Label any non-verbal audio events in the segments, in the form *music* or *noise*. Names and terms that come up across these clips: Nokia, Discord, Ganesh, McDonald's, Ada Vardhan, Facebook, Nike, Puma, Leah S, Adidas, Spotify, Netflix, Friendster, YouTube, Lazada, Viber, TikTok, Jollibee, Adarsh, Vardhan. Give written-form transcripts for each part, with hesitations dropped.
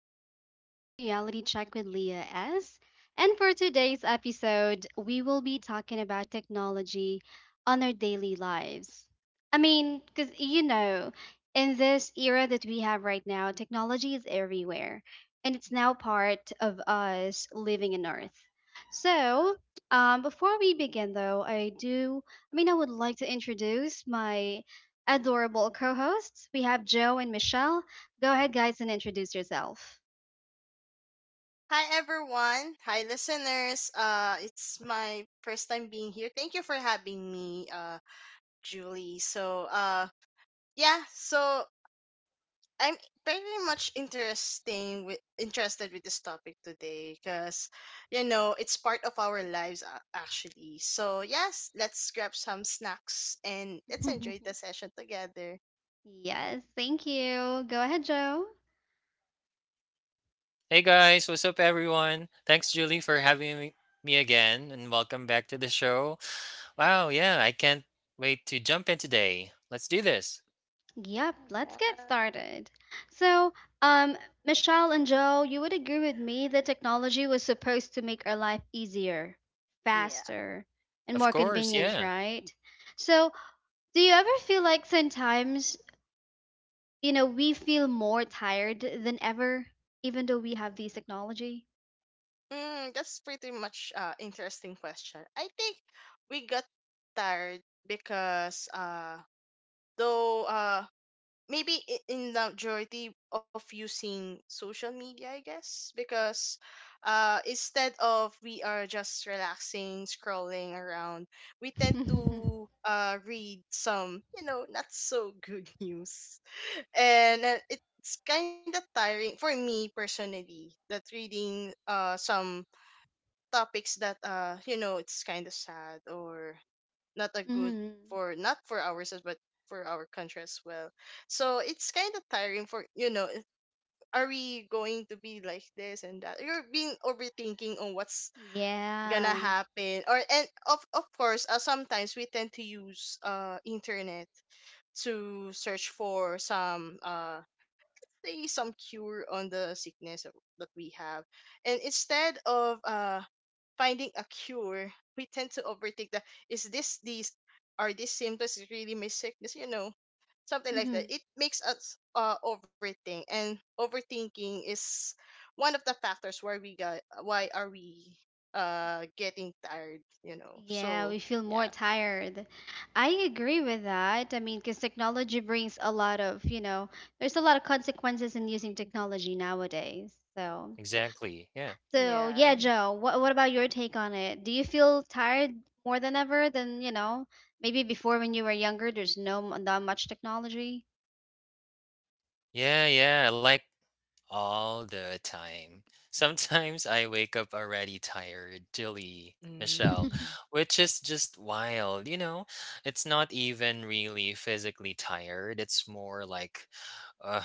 welcome back to Reality Check with Leah S. And for today's episode, we will be talking about technology on our daily lives. I mean, because you know, in this era that we have right now, technology is everywhere and it's now part of us living in Earth. So, before we begin, though, I do, I mean, I would like to introduce my adorable co hosts. We have Joe and Michelle. Go ahead, guys, and introduce yourself. Hi everyone. Hi listeners. It's my first time being here. Thank you for having me, Julie. So I'm very much interesting with interested with this topic today because it's part of our lives actually. So, yes, let's grab some snacks and let's enjoy the *laughs* session together. Yes, thank you. Go ahead, Joe. Hey guys, what's up everyone? Thanks Julie for having me again and welcome back to the show. Wow, yeah, I can't wait to jump in today. Let's do this. Yep, let's get Yeah. started. So, um, Michelle and Joe, you would agree with me that technology was supposed to make our life easier, Yeah. faster, and more Of course, convenient, yeah. right? So, do you ever feel like sometimes, you know, we feel more tired than ever, even though we have these technology? That's pretty much interesting question. I think we got tired because though maybe in the majority of using social media, I guess, because instead of we are just relaxing, scrolling around, we tend *laughs* to read some, not so good *laughs* news. And it's kind of tiring for me personally that reading some topics that it's kind of sad or not a good Mm-hmm. for, not for ourselves, but for our country as well, so it's kind of tiring for, are we going to be like this? And that you're being overthinking on what's gonna Yeah. happen. Or and of course, sometimes we tend to use internet to search for some say some cure on the sickness that we have, and instead of finding a cure, we tend to overthink that is this these, are these symptoms, is really my sickness? You know, something like Mm-hmm. that. It makes us overthink, and overthinking is one of the factors why we got why are we getting tired. You know, Yeah, so we feel yeah, more tired. I agree with that. I mean, because technology brings a lot of, you know, there's a lot of consequences in using technology nowadays. So, Exactly. Yeah. so yeah. yeah, Joe, what about your take on it? Do you feel tired more than ever than, you know, maybe before when you were younger, there's not much technology? Yeah, yeah. Like, all the time. Sometimes I wake up already tired, Jilly, Michelle, Mm. *laughs* which is just wild. You know, it's not even really physically tired. It's more uh,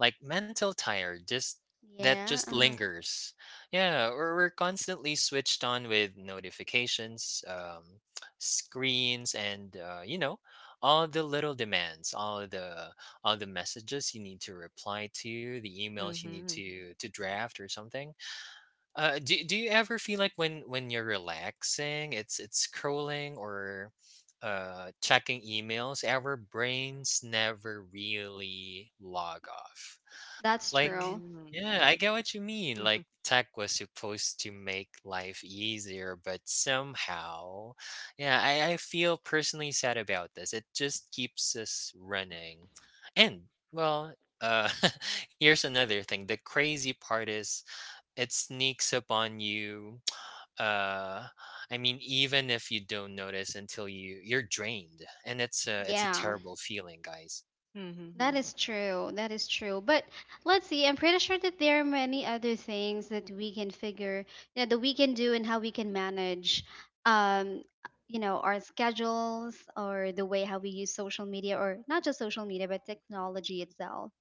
like mental tired. Just that Yeah, just uh-huh. lingers. Yeah, or we're constantly switched on with notifications, screens, and all the little demands, all the messages you need to reply to, the emails you need Mm-hmm. to draft or something. Do you ever feel like when you're relaxing, it's scrolling or checking emails, our brains never really log off. That's Like, true. Mm-hmm. yeah, I get Yeah. what you mean. Like, *laughs* tech was supposed to make life easier, but somehow, yeah, I feel personally sad about this. It just keeps us running. And, well, uh, *laughs* here's another thing. The crazy part is it sneaks up on you. *tsk* Uh, I mean, even if you don't notice until you're drained, and it's a Yeah. terrible feeling, guys. That Mm-hmm. is true. That is true. But let's see. I'm pretty sure that there are many other things that we can figure, you know, that we can do and how we can manage, um, you know, our schedules or the way how we use social media or not just social media, but technology itself.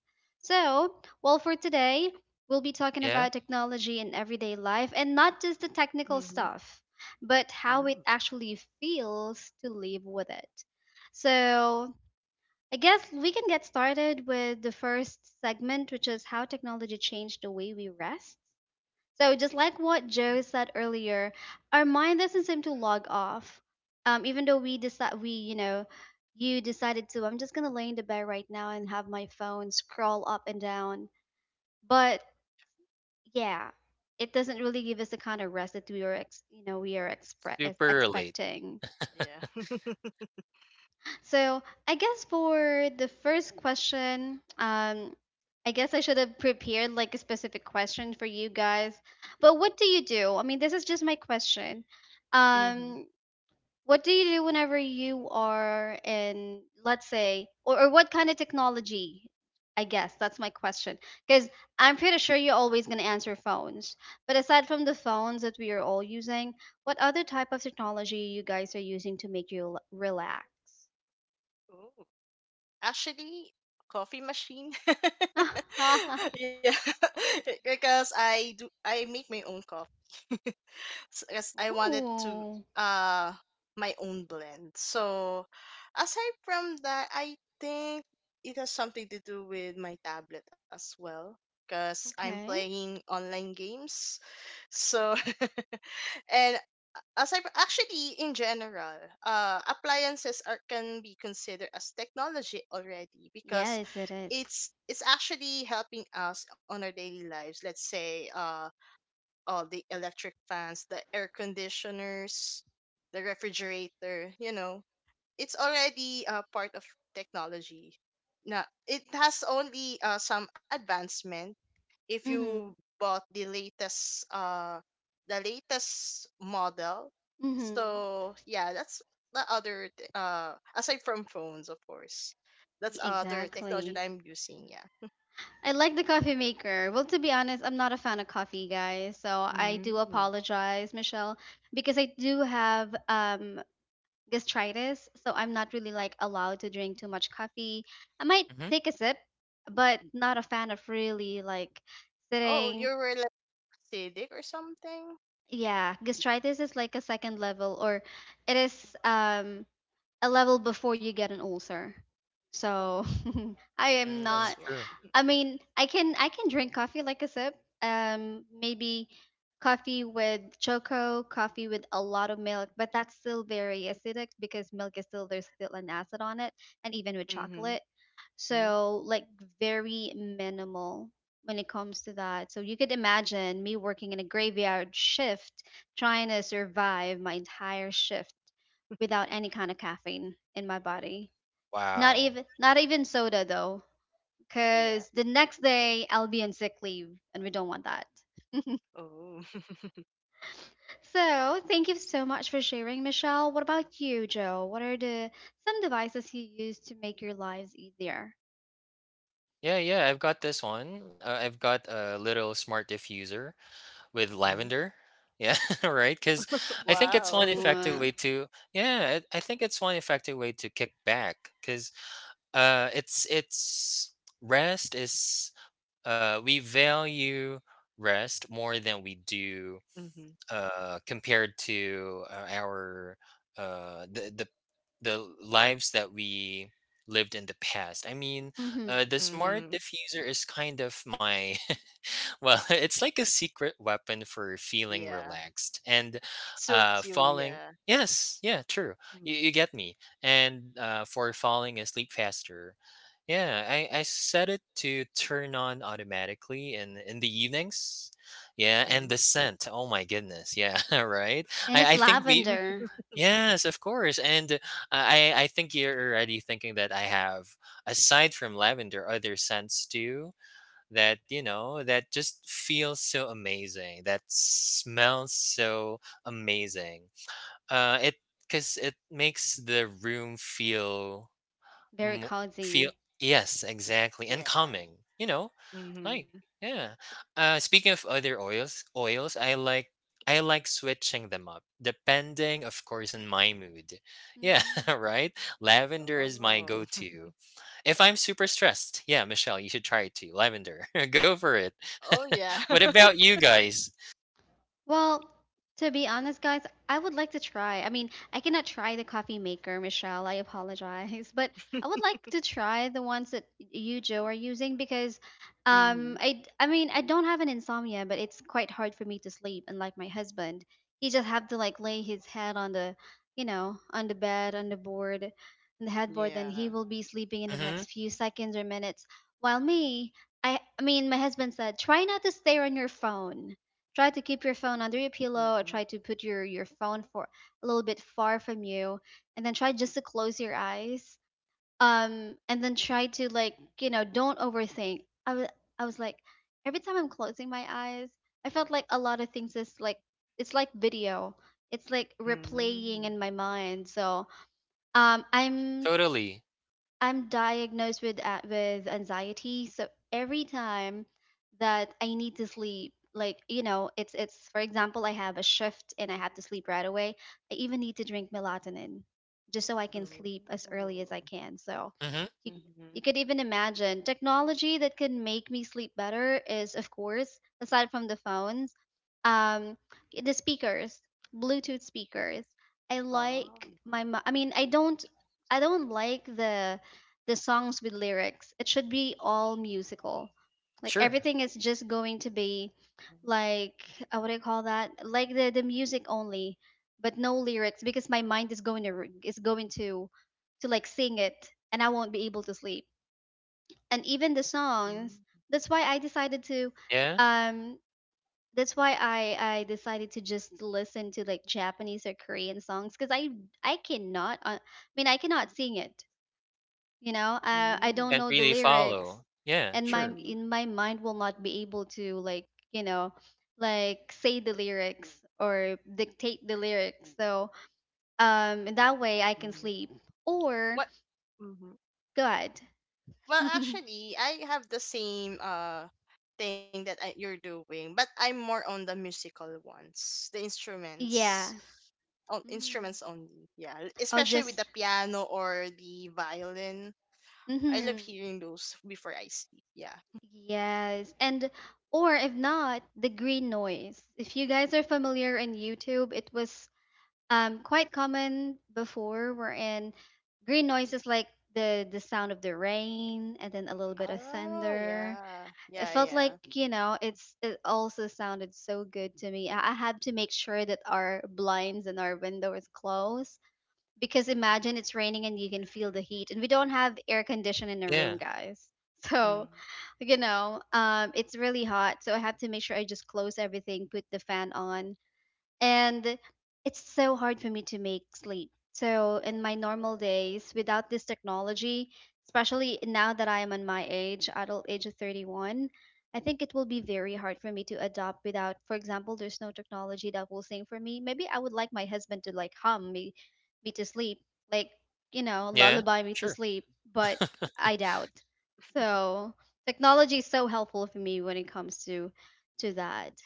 So, well, for today, we'll be talking Yeah, about technology in everyday life and not just the technical Mm-hmm. stuff, but how it actually feels to live with it. So, I guess we can get started with the first segment, which is how technology changed the way we rest. So, just like what Joe said earlier, our mind doesn't seem to log off. Even though we decide, we, you know, you decided to, I'm just going to lay in the bed right now and have my phone scroll up and down. But yeah, it doesn't really give us the kind of rest that we are, you know, we are super late. expecting. Yeah. So I guess for the first question, I guess I should have prepared like a specific question for you guys. But what do you do? I mean, this is just my question. Um, what do you do whenever you are in, let's say, or what kind of technology? I guess that's my question. Because I'm pretty sure you're always going to answer phones. But aside from the phones that we are all using, what other type of technology you guys are using to make you relax? *laughs* Mm-hmm. Actually, coffee machine. *laughs* *laughs* Yeah, *laughs* because I make my own coffee. *laughs* Because I wanted to Ooh. uh my own blend. So aside from that, I think it has something to do with my tablet as well, because I'm Okay. playing online games, so. *laughs* And as I actually in general, appliances are can be considered as technology already, because Yes, it is. it's actually helping us on our daily lives. Let's say all the electric fans, the air conditioners, the refrigerator, you know, it's already a part of technology. Now it has only some advancement if you Mhm. bought the latest model. Mhm. So yeah, that's the aside from phones of course, that's other technology Exactly. that I'm using. Yeah. I like the coffee maker. Well, to be honest, I'm not a fan of coffee, guys. So I do Mm. apologize, Michelle, because I do have gastritis, so I'm not really like allowed to drink too much coffee. I might *laughs* take a sip, but not a fan of really like Oh, you sitting. were lipstick or something. Yeah, gastritis is like a second level, or it is a level before you get an ulcer. Oh, So *laughs* I am Mm, not that's why. sure. I mean, I can drink coffee like a sip. Maybe coffee with choco, coffee with a lot of milk, but that's still very acidic because milk is still there's still an acid on it and even with Mm-hmm. chocolate. Mm. So, like, very minimal when it comes to that. So, you could imagine me working in a graveyard shift, trying to survive my entire shift without any kind of caffeine in my body. Wow. Not even soda though, Yeah. cuz the next day I'll be on sick leave and we don't want that. Oh. *laughs* So, thank you so much for sharing, Michelle. What about you, Joe? What are the some devices you use to make your lives easier? Yeah, yeah, I've got this one. I've got a little smart diffuser with Mm. lavender. Yeah, *laughs* right. Because I think it's one Wow. effective Mm-hmm. way to. Yeah, I think it's one effective way to kick back. Because it's rest is we value rest more than we do Mm-hmm. Compared to our uh, the the the lives that we lived in the past. I mean, the smart Mm-hmm. diffuser is kind of my *laughs* Well, *laughs* it's like a secret weapon for feeling Yeah, relaxed and it suits you. falling. Yeah. Yes, yeah, true. You get me. And for falling asleep faster. Yeah, I set it to turn on automatically in the evenings. Yeah, and Mm. the scent. Oh my goodness. Yeah, *laughs* right. And I, it's I think the. *laughs* lavender, Yes, of course. And I think you're already thinking that I have, aside from lavender, other scents too that that just feels so amazing, that smells so amazing it because it makes the room feel very mo- feel, cozy. yes, exactly, and Yeah. calming Mm-hmm. like, yeah. Speaking of other oils, I like switching them up, depending, of course, on my mood. Yeah, *laughs* Hmm. right. Lavender is my Oh. *laughs* go-to. If I'm super stressed, yeah, Michelle, you should try it too. Lavender, *laughs* go for it. Oh *laughs* yeah. What about you guys? Well, to be honest, guys, I would like to try. I mean, I cannot try the coffee maker, Michelle. I apologize, *laughs* but I would *laughs* like to try the ones that you, Joe, are using because, Hmm. I mean, I don't have an insomnia, but it's quite hard for me to sleep. Unlike my husband, he just have to like lay his head on you know, on the bed, on the board, on the headboard, and he Yeah. will be sleeping in the Mm-hmm. next few seconds or minutes. While me, I mean, my husband said, try not to stare on your phone. Try to keep your phone under your pillow or Mm-hmm. try to put your phone for a little bit far from you and then try just to close your eyes. And then try to like, you know, don't overthink. I was like every time I'm closing my eyes, I felt like a lot of things is like it's like video. It's like replaying Mm-hmm. in my mind. So um I'm Totally. I'm diagnosed with with anxiety, so every time that I need to sleep, like you know, it's for example, I have a shift and I have to sleep right away. I even need to drink melatonin just so I can sleep as Oh. early as I can. So Mm-hmm. you Mm-hmm. you could even imagine technology that can make me sleep better is of course aside from the phones, um, the speakers, Bluetooth speakers. I Oh. like I mean, I don't like the songs with lyrics. It should be all musical. Like Sure. everything is just going to be like what do you call that? Like the music only, but no lyrics because my mind is going to is going to like sing it and I won't be able to sleep. And even the songs, Mm-hmm. that's why I decided to Yeah. um that's why I decided to just listen to like Japanese or Korean songs because I cannot I mean I cannot sing it, you know, I don't Mm-hmm. Can't know the really lyrics follow. Yeah. and my Sure. Mm-hmm. in my mind will not be able to like, you know, like say the lyrics or dictate the lyrics, so in that way I can sleep or What? Mm-hmm. god. Well, *laughs* actually, I have the same thing that you're doing, but I'm more on the musical ones, the Yeah. instruments, on Mm-hmm. instruments only. Yeah, Or especially with just the piano or the violin. I love mm-hmm. hearing those before I sleep. Yeah. Yes, and or if not the green noise, if you guys are familiar in YouTube, it was quite common before, wherein green noises like the sound of the rain and then a little bit of Oh thunder, yeah. it Yeah, felt like, yeah. you know, it's it also sounded so good to me. I had to make sure that our blinds and our windows close because imagine it's raining and you can feel the heat and we don't have air condition in the room, Yeah. guys. *laughs* Mm. So you know, um, it's really hot so I have to make sure I just close everything, put the fan on, and it's so hard for me to make sleep. So in my normal days without this technology, especially now that I am on my age, adult age of 31, I think it will be very hard for me to adopt without, for example, there's no technology that will sing for me. Maybe I would like my husband to like me to sleep, like, you know, Yeah. lullaby me to Sure. sleep, but *laughs* I doubt. So technology is so helpful for me when it comes to that.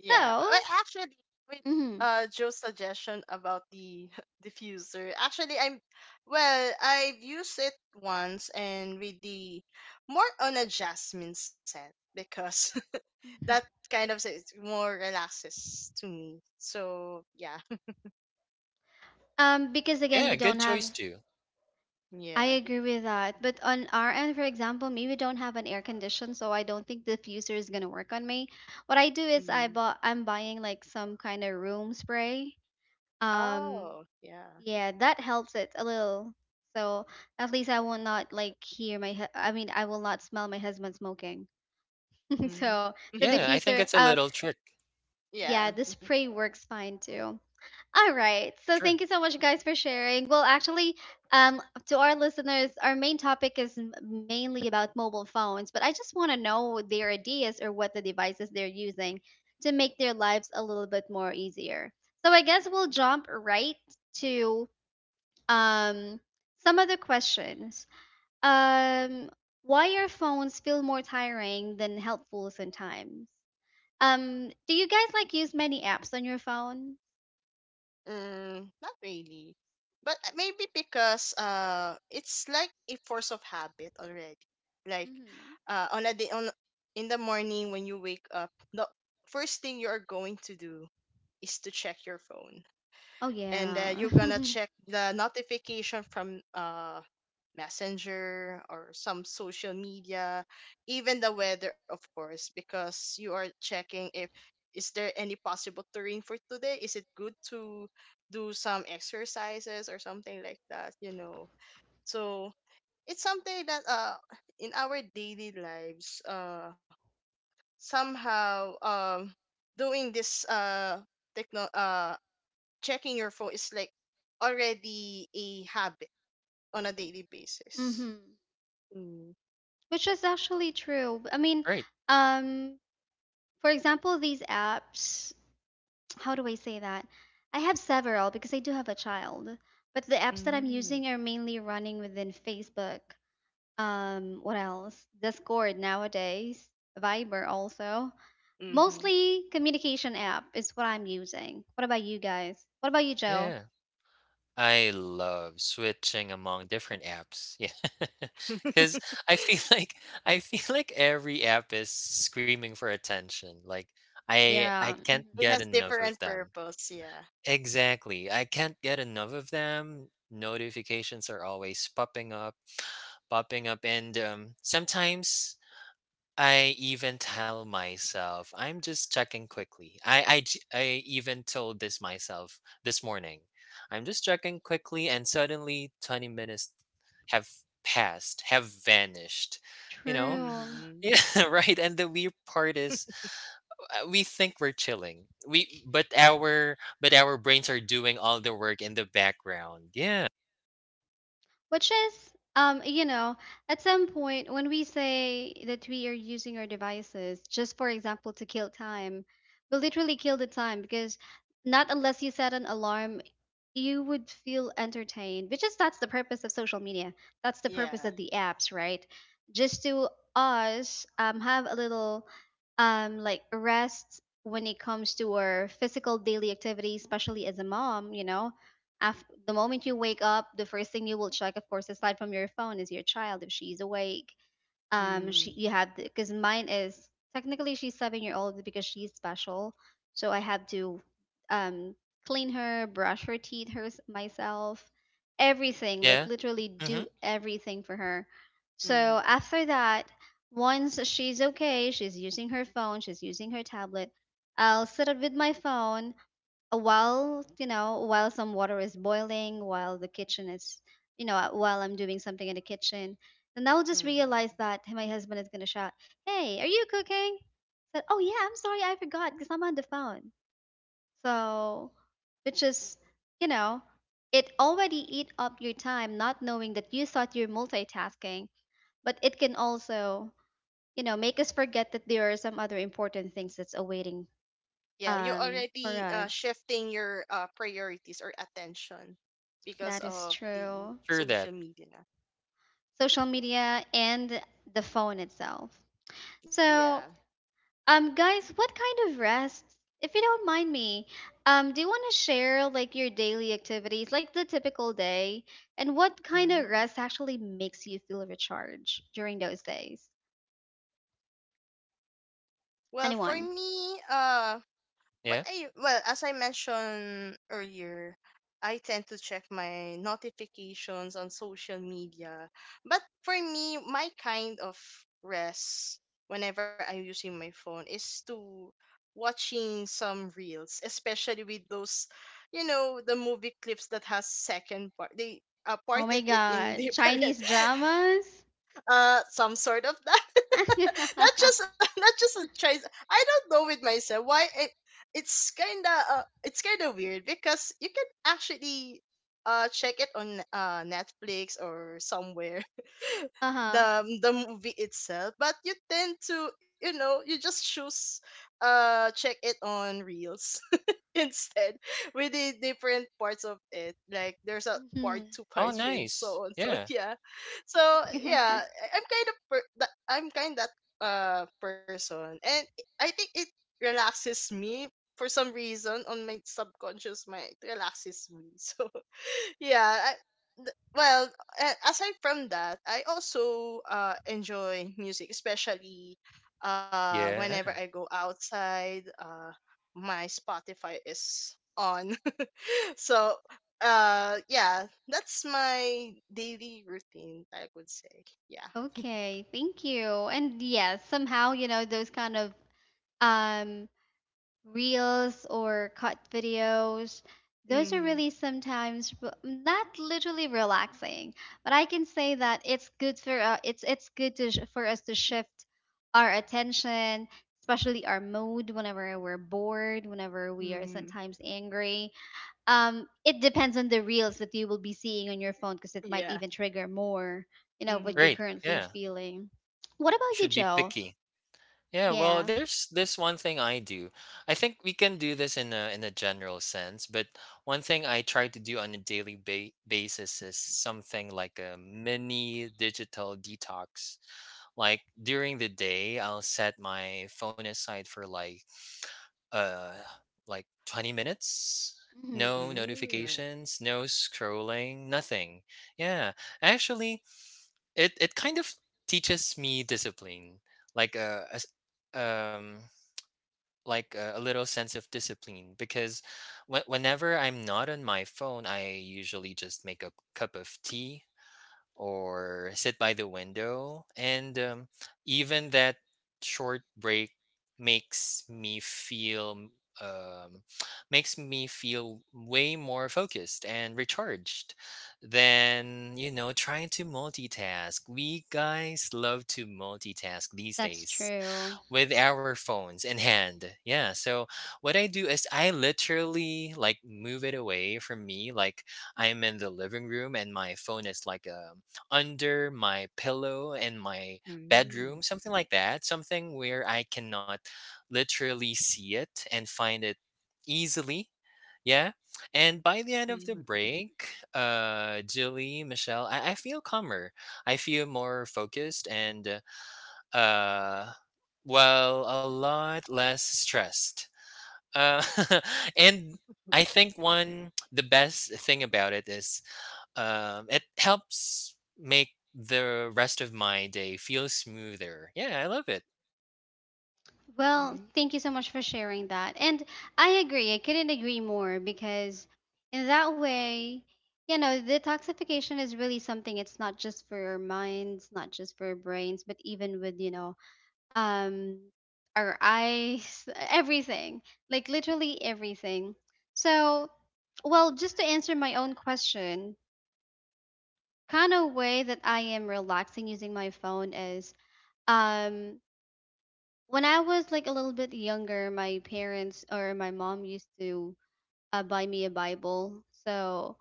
Yeah. So, But actually with mhm. Joe's suggestion about the *laughs* diffuser, actually I'm, well, I've used it once, and with the, more on a jasmine scent because *laughs* that kind of, it's more relaxes to me. So yeah. *laughs* Because again, we Yeah, don't good choice have. too. I Yeah. agree with that. But on our end, for example, me, we don't have an air condition, so I don't think the diffuser is gonna work on me. What I do is I Hmm. bought. I'm buying like some kind of room spray. Um, Oh, yeah. yeah, that helps it a little. So at least I will not like I mean, I will not smell my husband smoking. *laughs* Hmm. So the Yeah, I think diffuser. it's a little trick. Yeah, Yeah. the spray works fine too. All right. So Sure. thank you so much, guys, for sharing. Well, actually, um, to our listeners, our main topic is mainly about mobile phones, but I just want to know their ideas or what the devices they're using to make their lives a little bit more easier. So I guess we'll jump right to um, some of the questions. Um, why your phones feel more tiring than helpful sometimes? Do you guys like use many apps on your phone? Mm, not really. But maybe because it's like a force of habit already. Like Hmm. On a day on in the morning when you wake up, the first thing you are going to do is to check your phone, Oh and yeah. you're gonna *laughs* check the notification from messenger or some social media, even the weather of course, because you are checking if is there any possible terrain for today, is it good to do some exercises or something like that, you know. So it's something that in our daily lives somehow doing this techno checking your phone is like already a habit on a daily basis. Hmm. Mm. Which is actually true. I mean, Right. um, for example, these apps, *sniffs* *tsk* how do I say that? I have several because I do have a child, but the apps that I'm Mm. using are mainly running within Facebook. What else? Discord nowadays, Viber also. Mhm. Mostly communication app is what I'm using. What about you guys? What about you, Joe? Yeah. I love switching among different apps. Yeah. *laughs* Cuz *laughs* I feel *laughs* like I feel like every app is screaming for attention. Like I Yeah. Mhm. can't It get has enough of different them. purpose. Yeah. Exactly. I can't get enough of them. Notifications are always popping up and sometimes I even tell myself, I'm just checking quickly. I even told this myself this morning. I'm just checking quickly, and suddenly 20 minutes have passed, have vanished. You know? *laughs* True. Mhm. Yeah, right. And the weird part is we think we're chilling. We but our brains are doing all the work in the background. Yeah. Which is, you know, at some point when we say that we are using our devices, just for example, to kill time, we literally kill the time because not unless you set an alarm you would feel entertained, which is that's the purpose of social media, that's the purpose Yeah. of the apps, right? Just to us, have a little like rest when it comes to our physical daily activity, especially as a mom, you know, after the moment you wake up the first thing you will check of course aside from your phone is your child, if she's awake. She Mhm. you had Because mine is technically she's 7 year old because she's special, so I had to um clean her, brush her teeth, her myself, everything, like Yeah. literally Mm-hmm. do everything for her. So Mhm. after that, once she's okay, she's using her phone, she's using her tablet, I'll sit up with my phone while, you know, while some water is boiling, while the kitchen is, you know, while I'm doing something in the kitchen. Then I'll just Mhm. realize that, hey, my husband is going to shout, hey, are you cooking? Said, oh yeah, I'm sorry, I forgot because I'm on the phone. So which is, you know, it already eat up your time, not knowing that you thought you're multitasking, but it can also, you know, make us forget that there are some other important things that's awaiting Yeah, you for already us. shifting your priorities or attention because That is of the true. Sure that. social media. Social media, and the phone itself. Yeah. So, guys, what kind of rest, if you don't mind me, do you want to share like your daily activities, like the typical day, and what kind of Mhm. rest actually makes you feel recharged during those days? Well, for Anyone? me, what Yeah. I well, as I mentioned earlier, I tend to check my notifications on social media. But for me, my kind of rest whenever I'm using my phone is to watching some reels, especially with those, you know, the movie clips that has second part. They Oh my parted it in *laughs* God, different Chinese dramas? Some sort of that. *laughs* *laughs* not just *laughs* not just a choice. I don't know with myself why it's kind of, it's kind of weird, because you can actually check it on Netflix or somewhere *laughs* Uh-huh. the movie itself, but you tend to, you know, you just choose check it on reels *laughs* instead. We did different parts of it. Like there's a Hmm. part two, part Oh three, and nice. so on. So *laughs* Yeah. yeah, so yeah, *laughs* I'm kind of per- that I'm kind that person, and I think it relaxes me for some reason on my subconscious mind. It relaxes me. *laughs* So yeah, well, a- aside from that, I also enjoy music, especially Yeah. whenever I go outside, my Spotify is on. *laughs* So yeah, that's my daily routine, I would say. Yeah. Okay, thank you. And yes, somehow, you know, those kind of um reels or cut videos. Those are Mm. really sometimes not literally relaxing, but I can say that it's good for it's good to for us to shift our attention, especially our mood whenever we're bored, whenever we are Mm. sometimes angry. It depends on the reels that you will be seeing on your phone because it might Yeah. even trigger more, you know, what you're Right. mm currently Yeah. feeling. What You about you, should be Joe? picky. Yeah, well, Yeah, there's this one thing I do. I think we can do this in a general sense, but one thing I try to do on a daily ba basis is something like a mini digital detox. Like during the day, I'll set my phone aside for uh like 20 minutes. No hmm, Mm. notifications, no scrolling, nothing. Yeah, actually, it kind of teaches me discipline. Like, um like a little sense of discipline because whenever I'm not on my phone, I usually just make a cup of tea or sit by the window. And even that short break makes me feel um, *tsk* makes me feel way more focused and recharged than trying to multitask. We guys love to multitask these that's days true. with our phones in hand. Yeah. So what I do is I literally like move it away from me. Like I'm in the living room and my phone is like under my pillow in my bedroom, Mm. something like that. Something where I cannot literally see it and find it easily. Yeah. And by the end Mm. of the Mm. break, Jilly, Michelle, I feel calmer. I feel more focused and uh, well, a lot less stressed. Uh, *laughs* and I think one the best thing about it is it helps make the rest of my day feel smoother. Yeah, I love it. Mm. Well, thank you so much for sharing that. And I agree. I couldn't agree more because in that way, you know, detoxification is really something, it's not just for our minds, not just for our brains, but even with, you know, um our eyes, *laughs* everything. Like literally everything. So, well, just to answer my own question, kind of way that I am relaxing using my phone is um when I was like a little bit younger, my parents or my mom used to buy me a Bible. So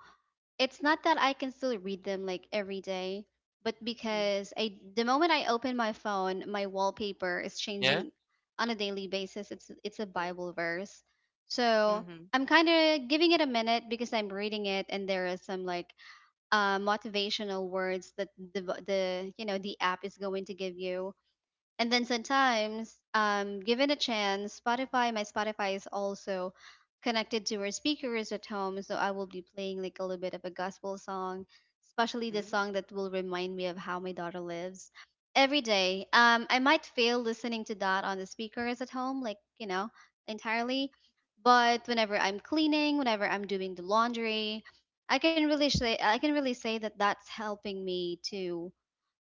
it's not that I can still read them like every day, but Mm. because I the moment I open my phone, my wallpaper is Yeah, changing on a daily basis. It's a Oh. Bible verse. So Mm. I'm kind of giving it a minute because I'm reading it, and there are some like motivational words that the you know the app is going to give you, and then sometimes, given a chance, Spotify, my Spotify is also connected to our speakers at home, so I will be playing like a little bit of a gospel song, especially the song Mm. that will remind me of how my daughter lives every day. I might fail listening to that on the speakers at home, like you know, entirely, but whenever I'm cleaning, whenever I'm doing the laundry, I can really say that that's helping me to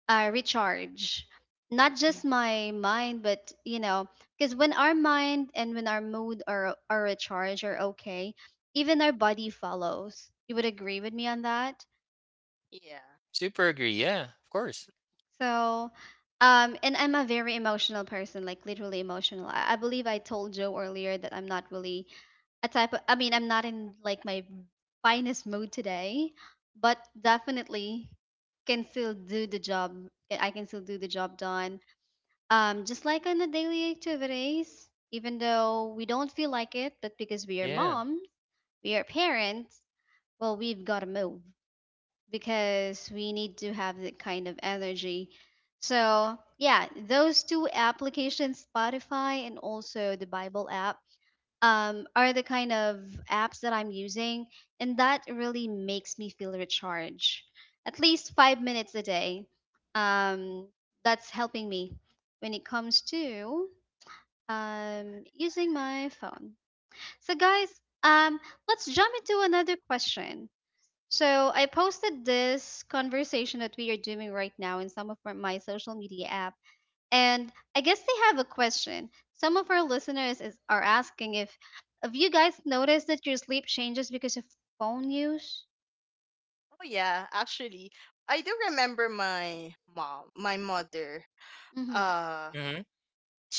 recharge not just Mm. my mind but you know, because when our mind and when our mood are recharged, are okay, even our body follows. You would agree with me on that. Yeah. super agree. Yeah, of course. So and I'm a very emotional person, like literally emotional. I believe I told Joe earlier that I'm not really a type of I mean I'm not in like my finest mood today, but definitely can still do the job. I can still do the job done just like on the daily activities, even though we don't feel like it, but because we are Yeah. moms, we are parents, well, we've got to move because we need to have that kind of energy. So, yeah, those two applications, Spotify and also the Bible app, are the kind of apps that I'm using. And that really makes me feel recharged. At least 5 minutes a day. Um, that's helping me when it comes to using my phone. So guys, um let's jump into another question. So I posted this conversation that we are doing right now in some of my social media app, and I guess they have a question. Some of our listeners are asking if have you guys noticed that your sleep changes because of phone use? Oh yeah, actually, I do remember my mom, my mother. Mhm. Uh, Hmm.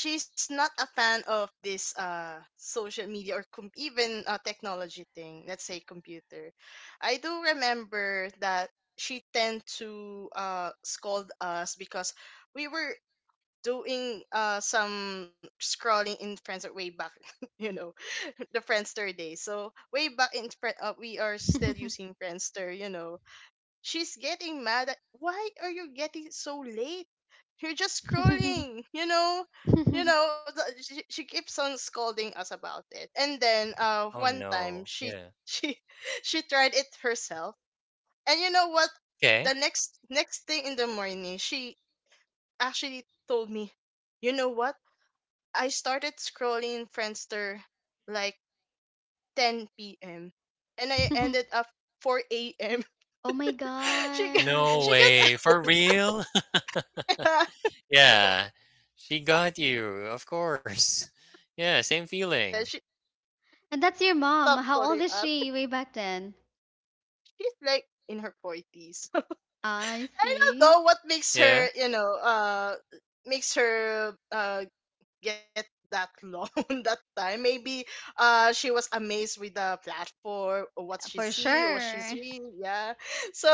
she's not a fan of this social media, or com- even technology thing. Let's say computer. I do remember that she tend to scold us because we were doing some scrolling in Friends way back, *laughs* you know, *laughs* the Friendster days. So way back in we are still using Friendster, you know. She's getting mad at, why are you getting so late? You're just *laughs* scrolling, you know? You know, she keeps on scolding us about it. And then Oh one time no. she Yeah. *laughs* she she tried it herself. And you know what? Okay. The next next thing in the morning, she actually told me, "You know what? I started scrolling Friendster like 10 p.m. and I ended up 4 a.m." Oh my *laughs* she g- *laughs* No God. she way. For real? gets *laughs* Yeah. She got you, of course. *laughs* Yeah, same feeling. *laughs* And that's your mom. stops How calling old is us. she way back then? She's like in her forties. *laughs* I I don't see. know what makes Yeah. her, you know, makes her get that loan *laughs* that time. Maybe she was amazed with the platform, or what she's For seeing or what she's sure. reading. Yeah. *laughs* So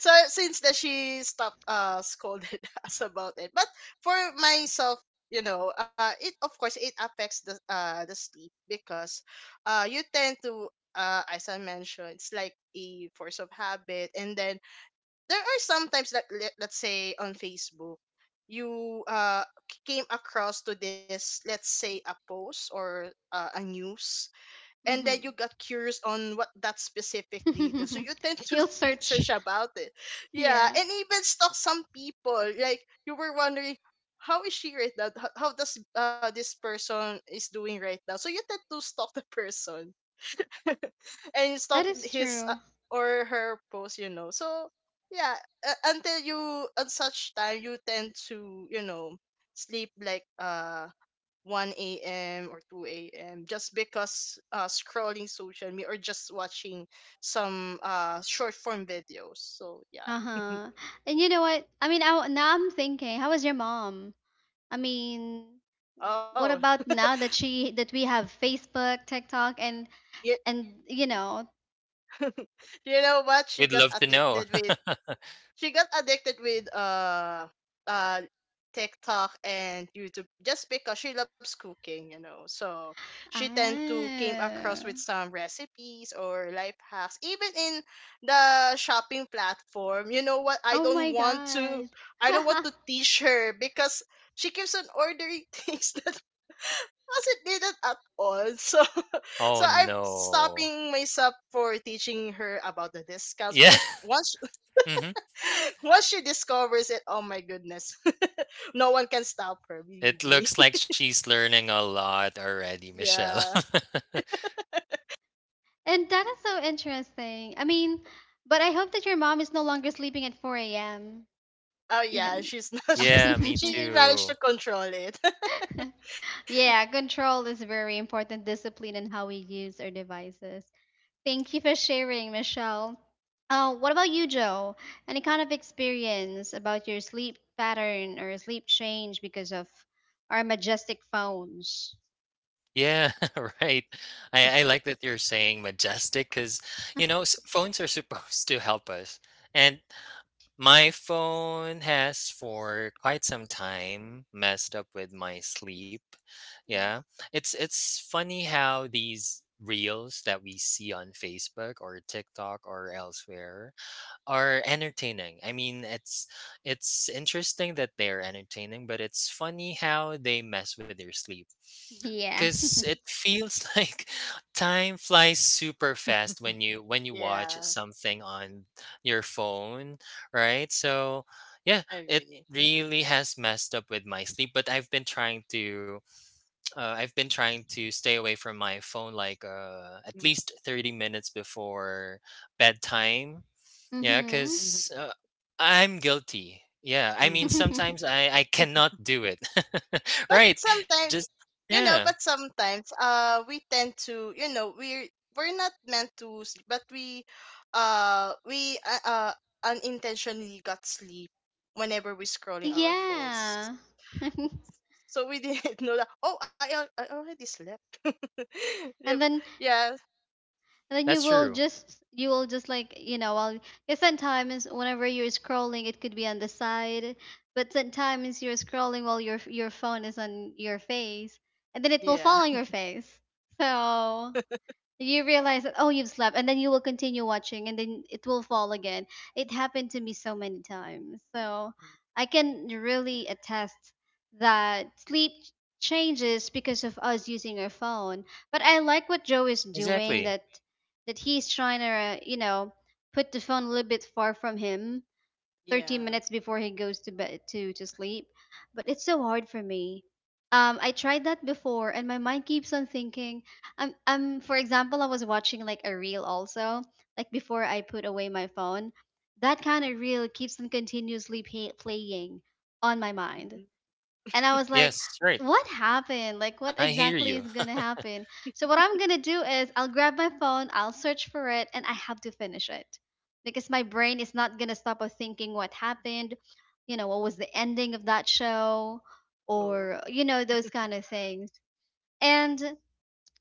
so since that, she stopped scolded *laughs* us about it. But for myself, you know, it of course it affects the sleep, because you tend to as I mentioned, it's like a force of habit. And then there are sometimes that, let's say on Facebook, you came across to this, let's say, a post, or a news, and then you got curious on what that specific data, so Mm-hmm. you *laughs* tend *laughs* to He'll search. research about it. Yeah, Yeah, and even stalk some people, like you were wondering, how is she right now? How does this person is doing right now, so you tend to stalk the *laughs* person *laughs* and that stalk is his true. or her post, you know. So yeah, until you at such time, you tend to, you know, sleep like 1 a.m. or 2 a.m., just because scrolling social media or just watching some short form videos. So yeah. Uh huh. And you know what? Now I'm thinking, how is your mom? I mean, Oh. what *laughs* about now that she that we have Facebook, TikTok, Yeah. and you know, *laughs* You know what? We'd love to know. *laughs* She got addicted with uh TikTok and YouTube, just because she loves cooking, you know. So she tend to came across with ah, some recipes or life hacks, even in the shopping platform. You know what? I oh my don't want to. God. I don't want *laughs* to teach her, because she keeps on ordering *laughs* things that wasn't needed at all. So, *laughs* so Oh I'm no. stopping myself for teaching her about the discounts, Yeah. because once *laughs* Hmm. *laughs* once she discovers it, oh my goodness, *laughs* no one can stop her, believe It me. looks like *laughs* she's learning a lot already, Michelle. Yeah. *laughs* And that is so interesting. I mean, but I hope that your mom is no longer sleeping at 4 a.m. Oh yeah, even. she's not, *laughs* she's, Yeah, me *laughs* she managed too. to control it. *laughs* Yeah, control is very important, discipline in how we use our devices. Thank you for sharing, Michelle. Uh, what about you, Joe? Any kind of experience about your sleep pattern or sleep change because of our majestic phones? Yeah, *laughs* right. I like that you're saying majestic because, phones are supposed to help us. And my phone has for quite some time messed up with my sleep. Mhm. Yeah. It's funny how these reels that we see on Facebook or TikTok or elsewhere are entertaining. I mean, it's interesting that they're entertaining, but it's funny how they mess with your sleep. Yeah. Cuz *laughs* it feels *laughs* like time flies super fast when you watch Yeah, something on your phone, right? So, yeah, I it agree. really has messed up with my sleep, but I've been trying to stay away from my phone like, at Mm. least 30 minutes before bedtime, yeah, Mm-hmm. because Mm-hmm. I'm guilty. Yeah, I mean Mm-hmm. sometimes *laughs* I cannot do it. *laughs* Right? But Just sometimes, you know, yeah, but sometimes we tend to, you know, we're not meant to sleep, but we unintentionally got sleep whenever we're scrolling our phones. Yeah. *laughs* So we didn't *laughs* know that. Oh, I already slept. *laughs* Yep. And then, Yeah, and then that's you will true. just, like you know, well, because sometimes whenever you're scrolling it could be on the side, but sometimes you're scrolling while your phone is on your face, and then it will yeah, fall on your face. So *laughs* you realize that, oh, you've slept, and then you will continue watching, and then it will fall again. It happened to me so many times, so I can really attest that sleep changes because of us using our phone. But I like what Joe is doing, Exactly. that that he's trying to, you know, put the phone a little bit far from him 30 yeah. minutes before he goes to bed to sleep. But it's so hard for me. Um, I tried that before and my mind keeps on thinking. Um, for example, I was watching like a reel also, like before I put away my phone, that kind of reel keeps on continuously playing on my mind. Mm. And I was like, Yes, right. what happened? Like, what I hear exactly you. is gonna happen? So, what I'm gonna do is I'll grab my phone, I'll search for it, and I have to finish it because my brain is not gonna stop of thinking what happened, you know, what was the ending of that show, or, Oh. you know, those kind of things. And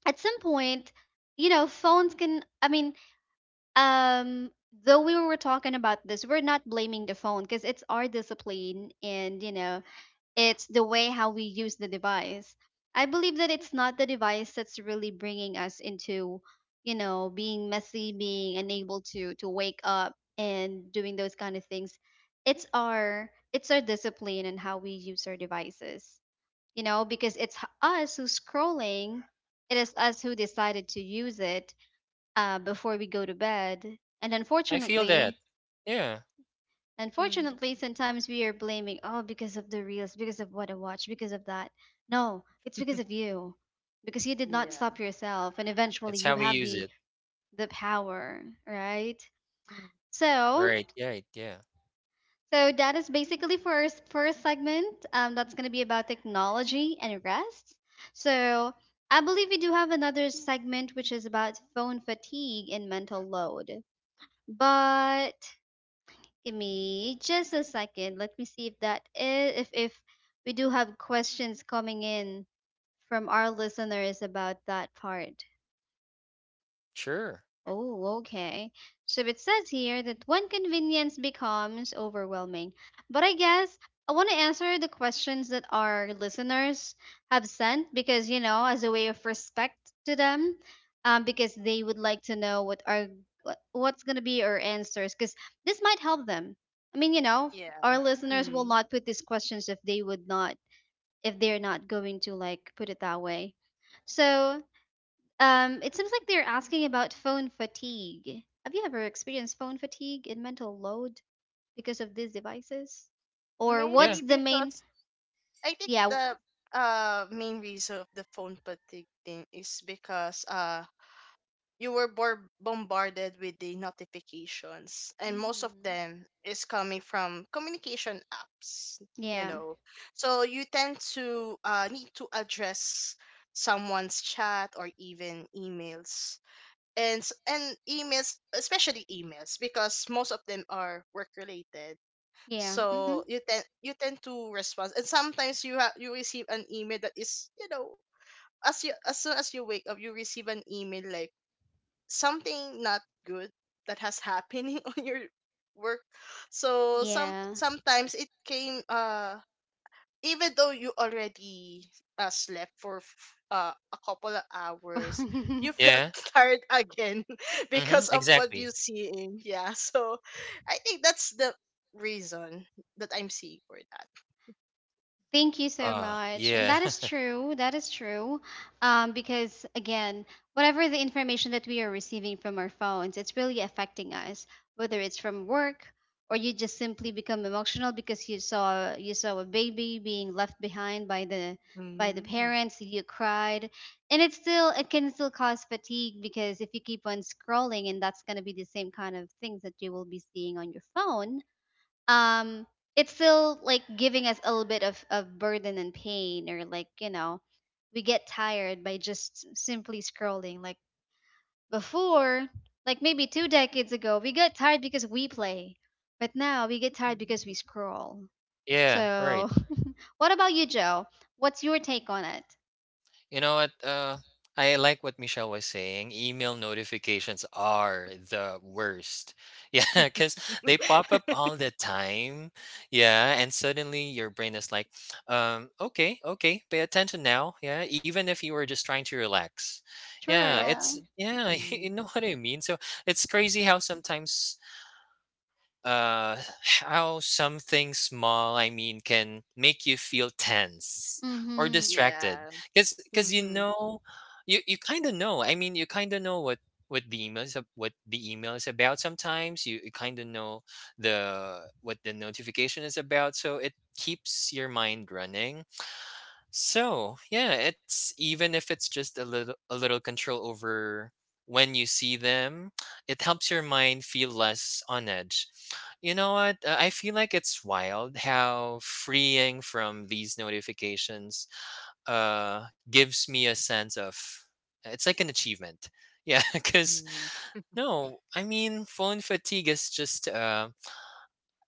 at some point, you know, phones can, I mean, um, though we were talking about this, we're not blaming the phone because it's our discipline and, you know, it's the way how we use the device. I believe that it's not the device that's really bringing us into, you know, being messy, being unable to wake up and doing those kind of things. It's our discipline and how we use our devices. You know, because it's us who's scrolling. It is us who decided to use it before we go to bed. And I feel that. unfortunately, Yeah, Mm. Unfortunately, sometimes we are blaming, oh, because of the reels, because of what I watch, because of that. No, it's because of *laughs* you. Because you did not Yeah. stop yourself and eventually it's you how we have use it. the power, right? Mm. So, Right. Right. Yeah. so that is basically for our first segment. That's going to be about technology and rest. So, I believe we do have another segment which is about phone fatigue and mental load. But give me just a second. Let me see if that is if we do have questions coming in from our listeners about that part. Sure. Oh, okay. So it says here that when convenience becomes overwhelming. But I guess I want to answer the questions that our listeners have sent because, you know, as a way of respect to them, because they would like to know what, what's going to be our answers because this might help them. I mean, you know, Yeah. our listeners will Mm. not put these questions if they would not, if they're not going to like put it that way. So, it seems like they're asking about phone fatigue. Have you ever experienced phone fatigue and mental load because of these devices? Or what's Maybe Yeah. the main? because I think Yeah. w- the main reason of the phone fatigue thing is because you were bombarded with the notifications, and most of Mhm. them is coming from communication apps you Yeah. know so you tend to need to address someone's chat or even emails, and emails, especially emails, because most of them are work related. Yeah. So Mhm. you tend to respond, and sometimes you receive an email that is, as soon as you wake up, you receive an email like something not good that has happening *laughs* on your work. So some Yeah. sometimes it came even though you already slept for a couple of hours, you *laughs* felt Yeah. *laughs* tired again *laughs* Mm-hmm. because of what you're Exactly. seeing, yeah. So I think that's the reason that I'm seeing for that. Thank you so Ah, much. And yeah. that is *laughs* true. That is true. Because again, whatever the information that we are receiving from our phones, it's really affecting us, whether it's from work or you just simply become emotional because you saw a baby being left behind by the Mm. parents, you cried. And it can still cause fatigue because if you keep on scrolling and that's gonna be the same kind of things that you will be seeing on your phone, um it's still like giving us a little bit of burden and pain, or like we get tired by just simply scrolling. Like before, like maybe 2 decades ago we got tired because we play, but now we get tired because we Mm. scroll. Yeah. Right. So *laughs* what about you, Joe? What's your take on it? You know what? I like what Michelle was saying. Email notifications are the worst. *laughs* Yeah, because they pop up all the time. Yeah, and suddenly your brain is like, okay, okay, pay attention now. Yeah, even if you were just trying to relax. *laughs* Yeah, Yeah. it's, True. yeah, *laughs* you Mm. know what I mean? So it's crazy uh how something small, can make you feel tense or Mm-hmm. distracted Yeah. because Hmm. You kind of know, I mean, you kind of know what the email is about sometimes you kind of know the what the notification is about, so it keeps your mind running. So, yeah, it's even if it's just a little control over when you see them, it helps your mind feel less on edge. You know what? I feel like it's wild how freeing from these notifications gives me a sense of, it's like an achievement. Yeah, *laughs* cuz Mm. no, I mean, phone fatigue is just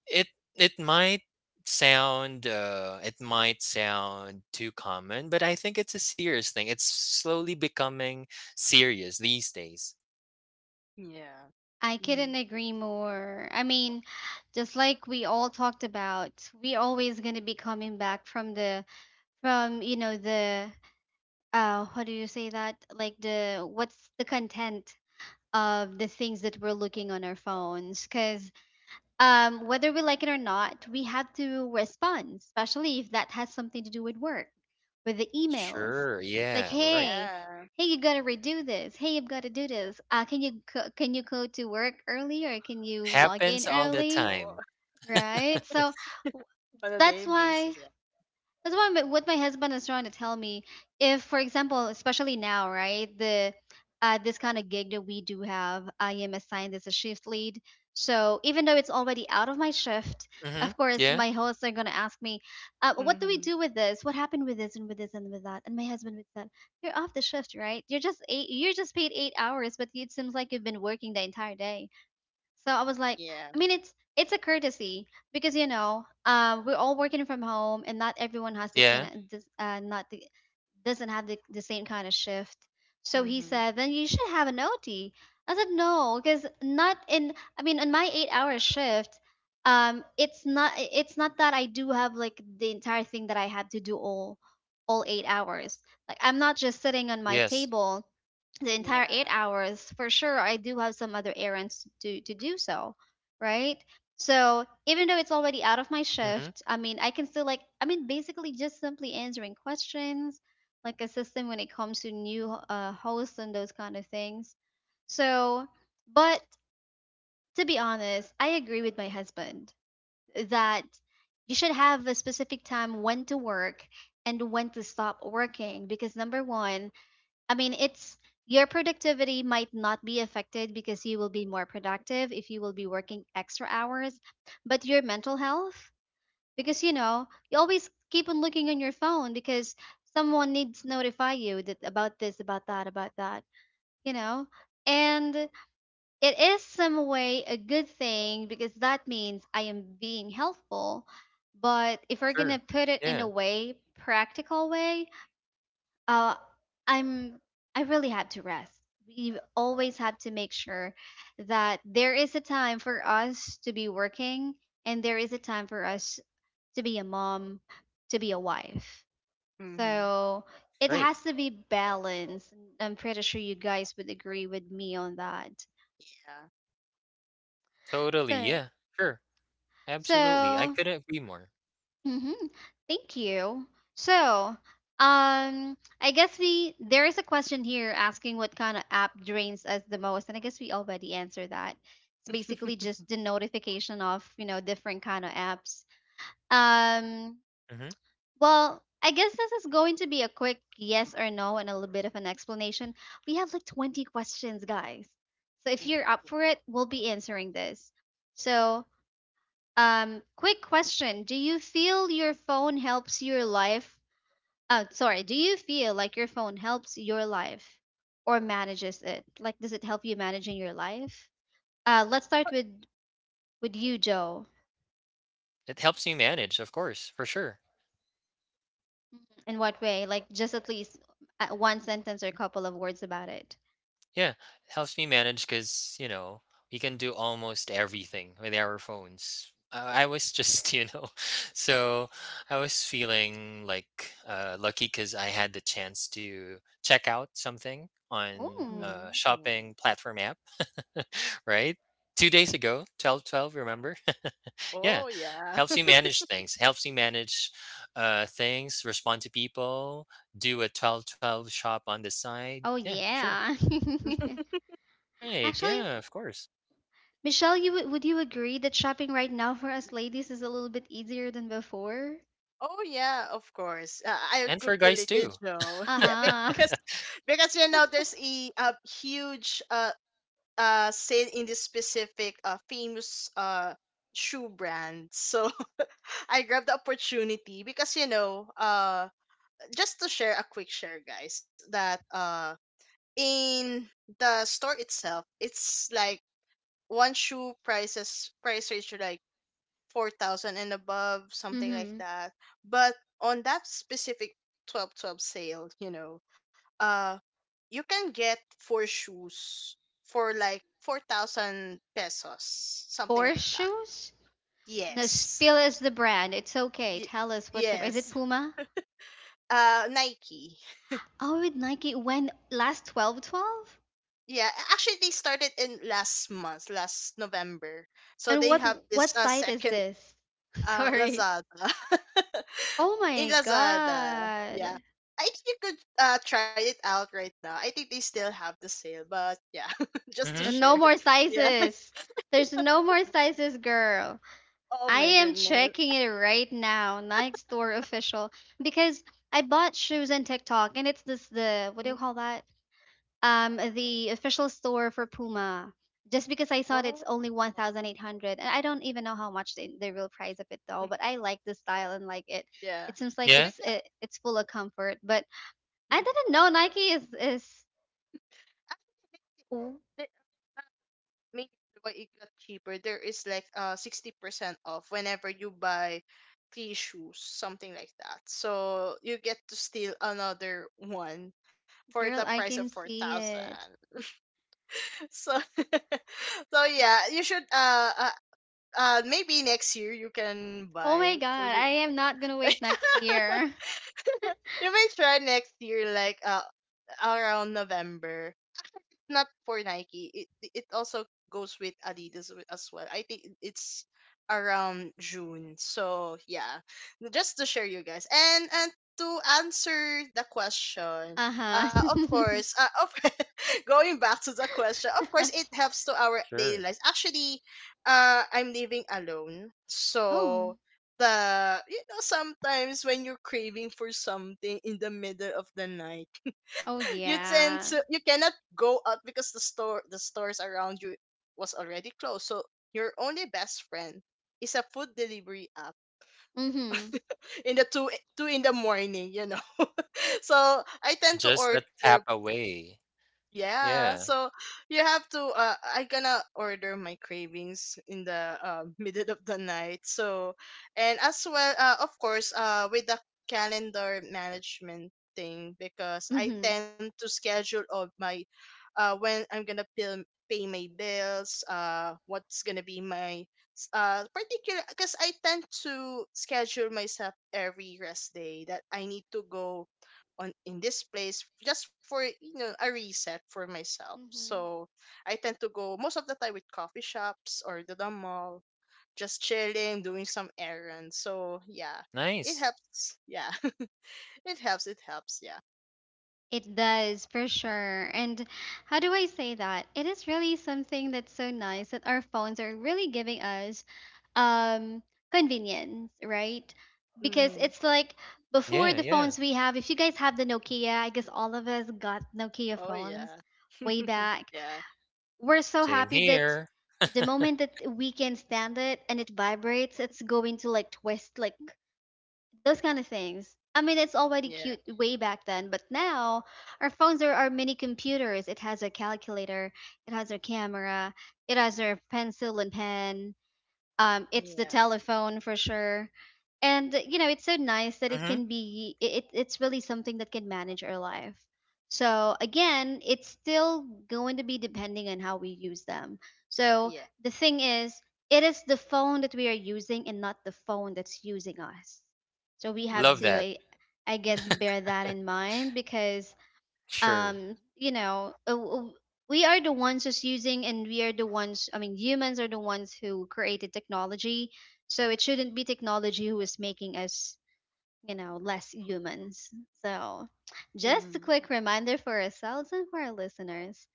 it it might it might sound too common, but I think it's a serious thing. It's slowly becoming serious these days. Yeah. I couldn't agree more. I mean, just like we all talked about, we're always going to be coming back from the, from the, what do you say that, like the, what's the content of the things that we're looking on our phones? Because whether we like it or not, we have to respond, especially if that has something to do with work, with the emails. Sure, Like, yeah, right. hey, Yeah. hey, you gotta redo this, hey, you've gotta do this, can you can you go to work early, or can you log Happens in all the early, time. Oh. *laughs* right? So w- On a that's daily why, basis, yeah. that's why my, what my husband is trying to tell me. If, for example, especially now, right, the this kind of gig that we do have, I am assigned as a shift lead. So even though it's already out of my shift, Mhm. of course, Yeah. my hosts are gonna ask me, "What do we Mm-hmm. do with this? What happened with this and with this and with that?" And my husband would say, "You're off the shift, right? You're just eight. You're just paid 8 hours, but it seems like you've been working the entire day." So I was like, Yeah. I mean, it's a courtesy because we're all working from home, and not everyone has the kind Yeah. of not the, doesn't have the same kind of shift. So he Mm-hmm. said, then you should have an OT. I said no, because not in. I mean, in my 8-hour shift, it's not that I do have like the entire thing that I had to do all 8 hours. Like I'm not just sitting on my Yes. table the entire eight Yeah. hours For sure I do have some other errands to do, so right. So even though it's already out of my Mhm. shift, I mean I can still like, I mean basically just simply answering questions, like assisting when it comes to new hosts and those kind of things. So but to be honest, I agree with my husband that you should have a specific time when to work and when to stop working, because number one, I mean, it's, your productivity might not be affected because you will be more productive if you will be working extra hours, but your mental health, because you always keep on looking on your phone because someone needs to notify you that about this, about that, you know. And it is some way a good thing because that means I am being helpful. But if we're gonna Sure. put it in a Yeah. way, practical way, uh, I'm, I really had to rest. We always had to make sure that there is a time for us to be working and there is a time for us to be a mom, to be a wife. Mm-hmm. So it Right. has to be balanced. I'm pretty sure you guys would agree with me on that. Totally. So, Yeah. Sure. Absolutely. I so, couldn't agree more. mm-hmm. Thank you. So I guess we, there is a question here asking what kind of app drains us the most, and I guess we already answered that. It's Yeah. basically *laughs* just the notification of different kind of apps. Um, Mhm. well, I guess this is going to be a quick yes or no and a little bit of an explanation. We have like 20 questions, guys. So if you're up for it, we'll be answering this. So quick question. Do you feel your phone helps your life? Sorry, do you feel like your phone helps your life or manages it? Like, does it help you managing your life? Let's start with you, Joe. It helps you manage, of course, for sure. Mhm. In what way? Like, just at least one sentence or a couple of words about it. Yeah, it helps me manage because, we can do almost everything with our phones. I was just, *laughs* so I was feeling like, lucky because I had the chance to check out something on Oh, a Mm-hmm. shopping platform app, *laughs* right? 2 days ago, 12 12, remember? *laughs* Yeah, Oh, yeah. helps you *laughs* manage things, respond to people, do a 12 12 shop on the side. oh Yeah, sure. yeah. *laughs* Right, Actually, yeah, of course. Michelle, you would you agree that shopping right now for us ladies is a little bit easier than before? Oh, yeah, of course. I And for could guys relate too. with *laughs* Joe. *laughs* Yeah, because Uh-huh. *laughs* You know there's a huge sale in this specific famous shoe brand. So *laughs* I grabbed the opportunity, because just to share a quick share, guys, that in the store itself, it's like one shoe prices price range are like 4,000 and above, something like Mm-hmm. that. But on that specific 12 12 sale, uh, you can get four shoes for like 4,000 pesos, something Four like that. shoes? No, Yes, spill us the brand. It's okay. y- Tell us what's the, is it yes. Puma? Nike. Oh, with Nike when, last 12.12? Yeah, actually, they started in last month, last November. So And they what have this what site is second. this? *laughs* Sorry. Lazada. Oh *laughs* In my Lazada. Yeah. god. I think you could try it out right now. I think they still have the sale, but yeah, *laughs* just to Mhm, share. No more *laughs* Yeah. sizes. There's no more sizes, girl. Oh I my am goodness. checking it right now. Nike store official, because I bought shoes on TikTok and it's this the, Mm. what do you call that? The official store for Puma, just because I saw that it's Oh. only 1800 and I don't even know how much the real price of it though, Mm. but I like the style and like it. Yeah. It seems like yeah, it's Because it, it's full of comfort, but I mm, didn't know Nike is, actually, oh, they, maybe why it got cheaper. There is like 60% off whenever you buy three shoes, something like that. So you get to steal another one for the girl price I of can four see it. thousand. *laughs* So *laughs* yeah, you should maybe next year you can Oh my buy for god, your. I am not gonna wait next year. *laughs* You may try next year like around November, not for Nike. It also goes with Adidas, as well. I think it's around June. So yeah, just to share you guys, and to answer the *laughs* question, uh-huh. of course, of *laughs* going back to the question, of course, it *laughs* helps to our daily lives. sure. Actually, I'm living alone, oh. so the you know sometimes when you're craving for something in the middle of the night, Oh you tend yeah. to you cannot go out because the stores around you was already closed. So your only best friend is a food delivery app Mm-hmm. *laughs* in the two in the morning. *laughs* So I tend to Just a order, tap away. yeah. Yeah, So you have to I gonna order my cravings in the *laughs* middle of the night. So, and as well, of course, with the calendar management thing, because I Mm-hmm. tend to schedule all my when I'm gonna pay my bills, what's gonna be my particular, because I tend to schedule myself every rest day that I need to go on in this place just for a reset for myself. Mm-hmm. So I tend to go most of the time with coffee shops or to the mall, just chilling, doing some errands. So yeah, it nice. helps. Yeah, *laughs* it helps. It helps. Yeah. It does, for sure. And how do I say that? It is really something that's so nice that our phones are really giving us um convenience, right? Because Mm. it's like before, Yeah, the yeah, phones we have, if you guys have the Nokia, I guess all of us got Nokia Oh, phones yeah. way *laughs* back. Yeah. We're so same happy that here. *laughs* the moment that we can stand it and it vibrates, it's going to like twist, like those kind of things. I mean, it's already Yeah. cute way back then, but now our phones are our mini computers. It has a calculator, it has a camera, it has a pencil and pen, it's the Yeah. telephone for sure, and you know it's so nice that it Mhm, can be it, it's really something that can manage our life. So again, it's still going to be depending on how we use them. So Yeah. the thing is, it is the phone that we are using and not the phone that's using us. So we have love Mm-hmm. to, that. I guess, Mm-hmm. bear that in *laughs* mind, because Sure. You know, we are the ones who's using, and we are the ones, I mean humans are the ones who created technology. So it shouldn't be technology who is making us, you know, less humans. So just a Mm-hmm. quick reminder for ourselves and for our listeners.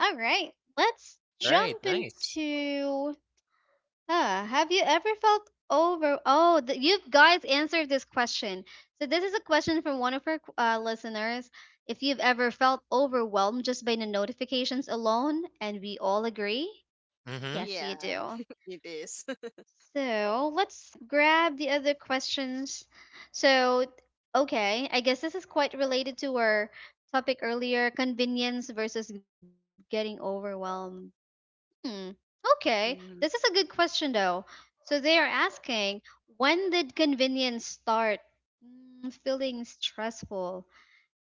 All right, let's Right, jump nice. into. Have you ever felt over? Oh, you guys answered this question. So this is a question from one of our listeners. If you've ever felt overwhelmed just by the notifications alone, and we all agree, Mhm, yes, you Yeah, do. *laughs* it is. *laughs* So let's grab the other questions. So, okay, I guess this is quite related to our topic earlier: convenience versus getting overwhelmed. Hmm. Okay. This is Mm-hmm. a good question, though. So they are asking, when did convenience start, feeling stressful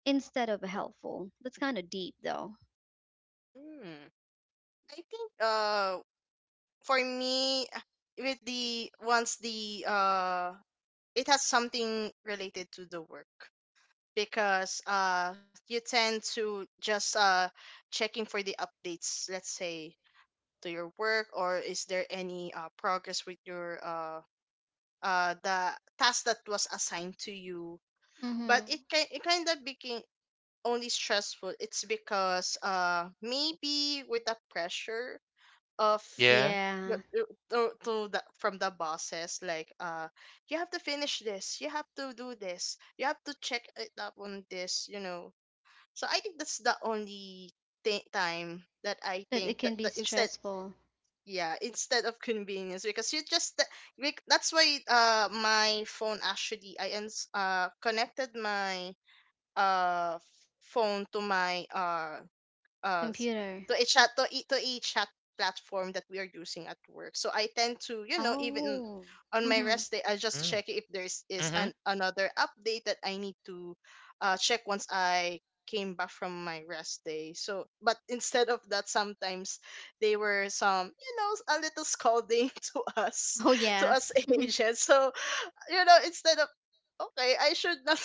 instead of helpful? That's kind of deep, though. Mm. I think for me, with the once the it has something related to the work, because you tend to just checking for the updates, let's say, to your work, or is there any progress with your the task that was assigned to you. But it Mm-hmm. can it kind of became only stressful, it's because maybe with the pressure of yeah, the- Yeah, uh, from the bosses, like you have to finish this, you have to do this, you have to check it up on this, you know. So I think that's the only time that I that think it that, can be that instead. stressful. Yeah, instead of convenience, because you just that's why my phone, actually, connected my uh phone to my uh s- Computer. To each chat platform that we are using at work. So I tend to, even Oh. on my Mm-hmm. rest day, I just mm, check if there's is mhm, an another update that I need to check once I came back from my rest day. So, but instead of that, sometimes they were some, a little scolding *laughs* to us, Oh, to yeah. us *laughs* *laughs* agents. So, instead of, okay, I should not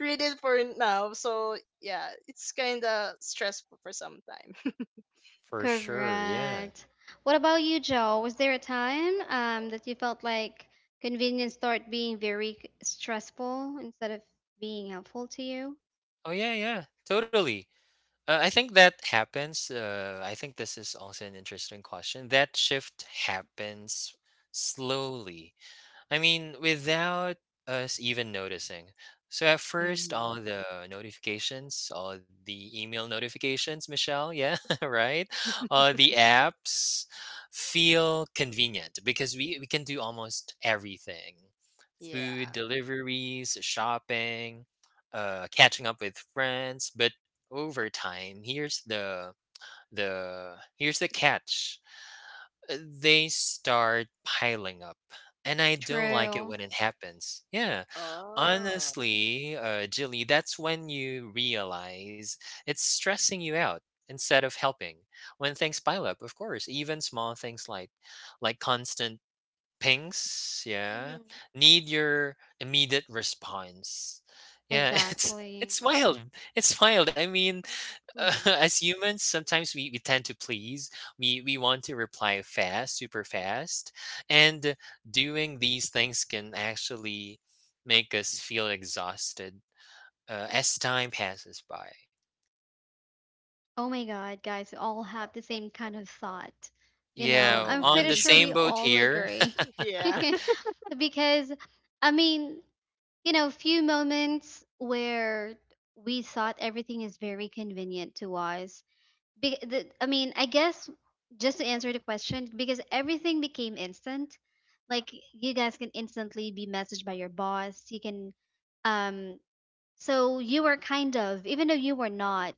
read it for now. So yeah, it's kind of stressful for some time. *laughs* for sure, yeah. Correct. What about you, Joe? Was there a time that you felt like convenience started being very stressful instead of being helpful to you? Oh, yeah, yeah, totally. I think that happens, I think this is also an interesting question. That shift happens slowly. I mean, without us even noticing. So at first, Hmm. all the notifications, all the email notifications, Michelle, yeah, *laughs* right? The apps feel convenient because we can do almost everything: Yeah. food deliveries, shopping, catching up with friends. But over time, here's the catch. They start piling up. And I don't like it when True. it happens. Yeah. Oh. Honestly, Jilly, that's when you realize it's stressing you out instead of helping. When things pile up, of course, even small things like constant pings, yeah, Hmm. need your immediate response. Yeah, *laughs* it's Exactly. it's wild. It's wild. I mean, *laughs* Mhm. as humans, sometimes we tend to please. We want to reply fast, super fast, and doing these things can actually make us feel exhausted, as time passes by. Oh my God, guys, we all have the same kind of thought. You know, Yeah, I'm on pretty the Mhm. sure we same boat all here. agree. *laughs* *laughs* Yeah. *laughs* *laughs* Because, I mean, you know, few moments where we thought everything is very convenient to us. The, I mean, I guess just to answer the question, because everything became instant. Like you guys can instantly be messaged by your boss. You can, um, so you were kind of, even though you were not,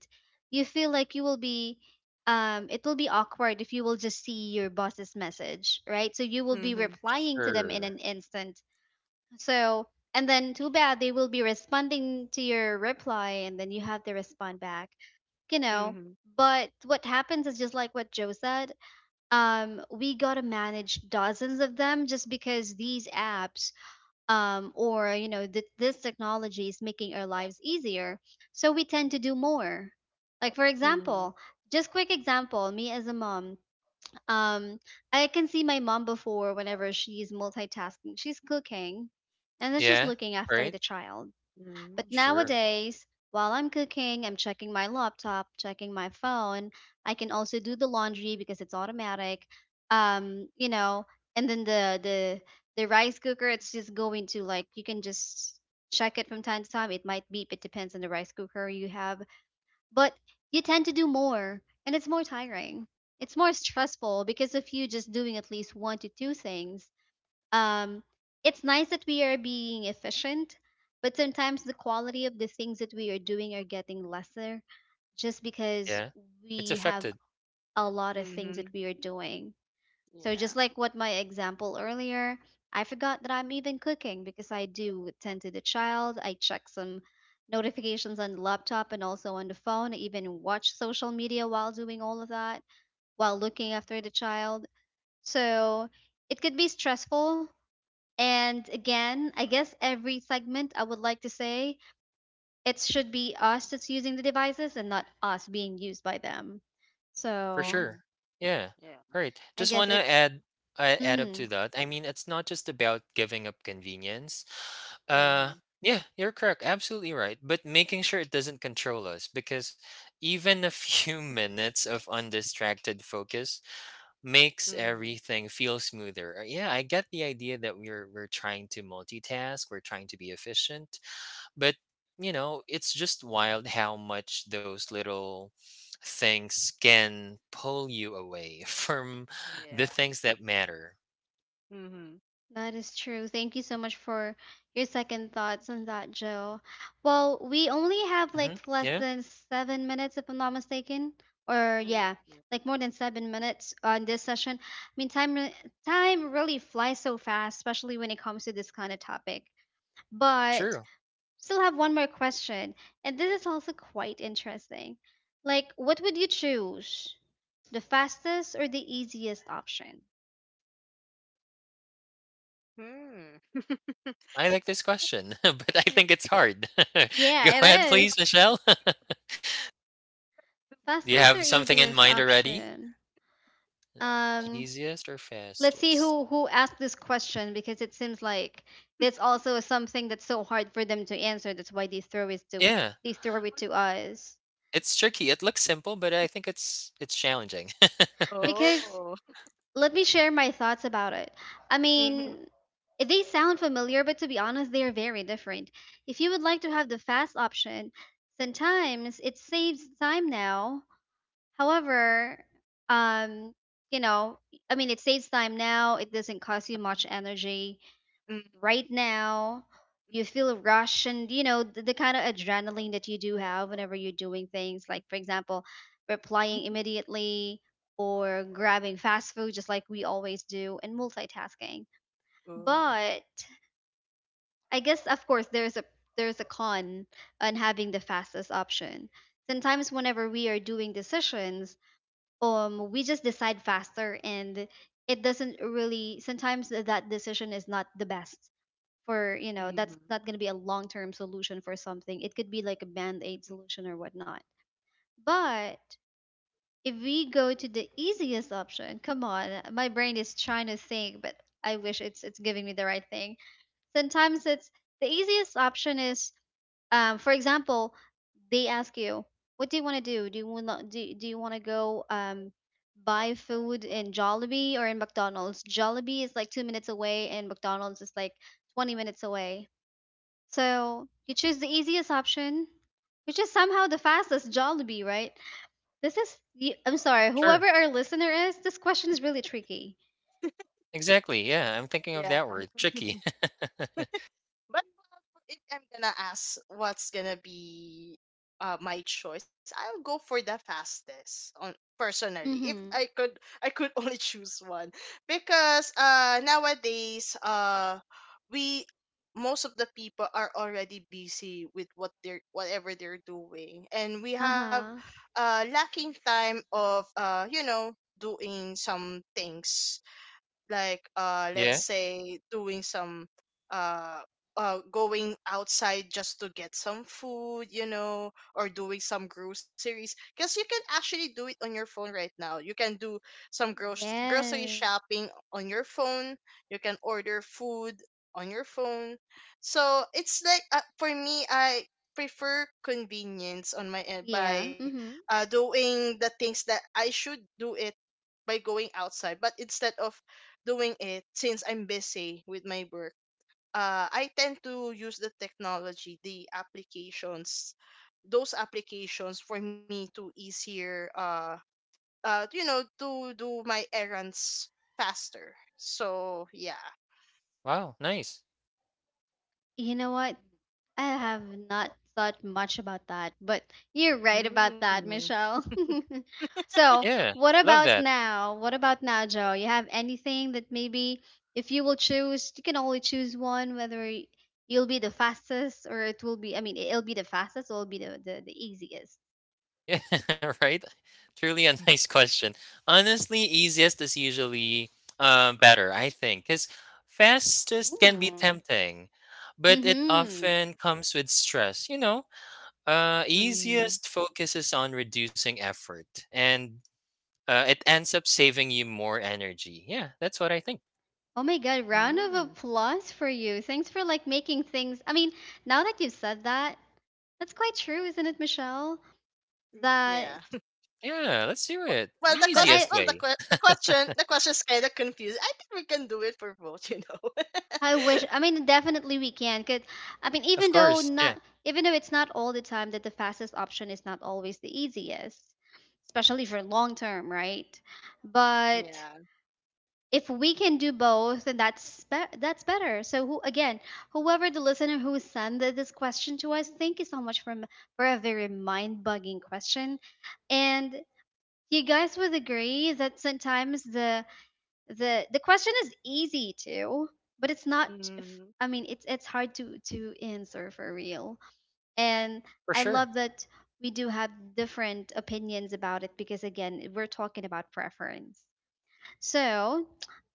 you feel like you will be, it will be awkward if you will just see your boss's message, right? So you will be Mhm. replying to them in Sure. an instant. So, and then too bad they will be responding to your reply, and then you have to respond back you know Mhm. but what happens is just like what Joe said. We gotta manage dozens of them just because these apps, or this technology is making our lives easier, so we tend to do more. Like, for Mhm. example, just quick example, me as a mom, um, I can see my mom before. Whenever she's multitasking, she's cooking and then she's Yeah. looking after the Right. child. But Mhm. Sure. nowadays, while I'm cooking, I'm checking my laptop, checking my phone. I can also do the laundry because it's automatic. Um, you know, and then the the rice cooker, it's just going to, like, you can just check it from time to time. It might beep. It depends on the rice cooker you have, but you tend to do more, and it's more tiring. It's more stressful because of you just doing at least one to two things um, it's nice that we are being efficient, but sometimes the quality of the things that we are doing are getting lesser, just because Yeah. It's we have affected a lot of things that Mhm. we are doing. So, just Yeah. like what my example earlier, I forgot that I'm even cooking because I do tend to the child. I check some notifications on the laptop and also on the phone, even watch social media while doing all of that, while looking after the child. So, it could be stressful. And again, I guess every segment I would like to say, it should be us that's using the devices and not us being used by them. for So sure. Mhm. Yeah. Yeah. Right. I Just guess want to it's add up mm-hmm, to that. I mean, it's not just about giving up convenience. Uh, Mhm. yeah, you're correct. Absolutely right. But making sure it doesn't control us, because even a few *laughs* minutes of undistracted focus makes Mhm. everything feel smoother. Yeah, I get the idea that we're trying to multitask, we're trying to be efficient, but it's just wild how much those little things can pull you away *laughs* from the Yeah. things that matter. Mhm. that is true. Thank you so much for your second thoughts on that, Joe. Well, we only have Hmm. like less Yeah, than 7 minutes, if I'm not mistaken, or yeah, Ooh. like more than 7 minutes on this session. I mean, time really flies so fast, especially when it comes to this kind of topic. But true. still have one more question, and this is also quite interesting. Like, what would you choose? The fastest or the easiest option? Hmm. I like this question, *laughs* but I Yeah. think it's hard. *laughs* Go Yeah, ahead, it please, is. Michelle. *laughs* Do you Fastest have or something in easiest mind already? option? Um, Easiest or let's see fastest? who asked this question, because it seems like that's also something that's so hard for them to answer. That's why Yeah, they throw it to us. it's tricky. It looks simple, but I think it's challenging. *laughs* Because, Oh. let me share my thoughts about it. I *laughs* Mhm. mean, they sound familiar, but to be honest, they are very different. If you would like to have the fast option, sometimes it saves time now. However, um, you know, I mean, it saves time now. It doesn't cost you much energy Mhm. right now. You feel rush, and you know the kind of adrenaline that you do have whenever you're doing things, like for example, replying immediately or grabbing fast food, just like we always do, and multitasking. Oh. But I guess, of course, there's a con on having the fastest option. Sometimes whenever we are doing decisions, we just decide faster, and it doesn't really, sometimes that decision is not the best for, you know, that's Mhm. not going to be a long-term solution for something. It could be like a band-aid Mhm. solution or whatnot. But if we go to the easiest option, come on, my brain is trying to think, but I wish it's giving me the right thing. Sometimes it's, the easiest option is, for example, they ask you, what do you want to do? Do you want do you want to go, buy food in Jollibee or in McDonald's? Jollibee is like 2 minutes away and McDonald's is like 20 minutes away, so you choose the easiest option, which is somehow the fastest, Jollibee, right? This is, I'm sorry, Sure. whoever our listener is, this question is really tricky. Exactly. Yeah, I'm thinking of Yeah. that word, tricky. *laughs* But if I'm gonna ask what's gonna be my choice, I'll go for the fastest on personally. If I Mm-hmm. could I could *laughs* only choose one. Because nowadays, we most of the people are already busy with whatever they're doing, and we have Uh-huh. Lacking time of doing some things, like let's Yeah. say doing some uh going outside just to get some food, or doing some groceries, because you can actually do it on your phone right now. You can do some gross grocery Yes. shopping on your phone, you can order food on your phone. So it's like for me, I prefer convenience on my end Yeah. by Mm-hmm. Doing the things that I should do it by going outside. But instead of doing it, since I'm busy with my work, I tend to use the technology, the applications, those applications for me to easier, to do my errands faster. So yeah. Wow, nice. You know what? I have not thought much about that, but you're right about that, Mm. Michelle. *laughs* so, Yeah, what love about that. now? What about now, Joe? You have anything that maybe if you will choose, you can only choose one, whether you'll be the fastest, or it will be, I mean, it'll be the fastest or it'll be the, the easiest. Yeah, *laughs* right? Truly a nice question. Honestly, easiest is usually better, I think, because fastest can be Mm. tempting, but it Mm-hmm. often comes with stress. Mm. Easiest focuses on reducing effort and, it ends up saving you more energy. Yeah, that's what I think. Oh my God, round of Mm. applause for you. Thanks for like making things. I mean, now that you've said that, that's quite true, isn't it, Michelle? Yeah. *laughs* That Yeah, let's Wh- do it. Well, the The cost, but well, the i easiest que- way. the question, the question is kind of confused. I think we can do it for both. *laughs* i wish, I mean, definitely we can cause, I mean, Of even though course. Yeah, not even though it's not all the time that the fastest option is not always the easiest, especially for long term, right? But Yeah. if we can do both, then that's better. So whoever the listener who sent this question to us, thank you so much for a very mind bugging question. And you guys would agree that sometimes the question is easy too, but it's not, Mm. I mean, it's hard to answer for real. And for I sure. love that we do have different opinions about it, because again, we're talking about preference. So,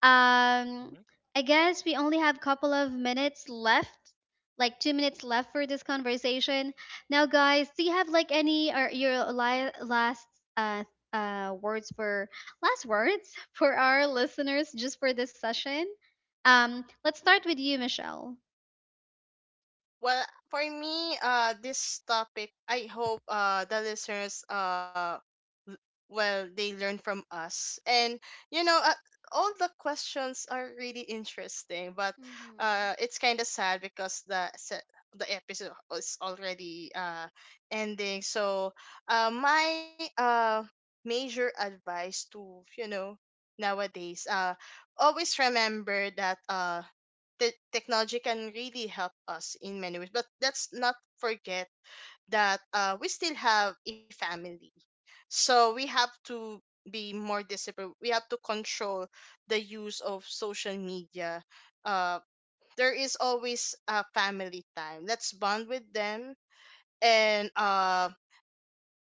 um, Mhm. I guess we only have a couple of minutes left, like 2 minutes left for this conversation. Now, guys, do you have like any, or your last uh, words for last words *laughs* for our listeners, just for this session? Let's start with you, Michelle. Well, for me, this topic, I hope the listeners l- well, they learn from us, and you know, uh, all the questions are really interesting, but Mm-hmm. It's kind of sad because the episode is already ending. So, my major advice to nowadays, always remember that the technology can really help us in many ways. But let's not forget that we still have a family. So we have to be more disciplined. We have to control the use of social media. Uh, there is always a family time. Let's bond with them and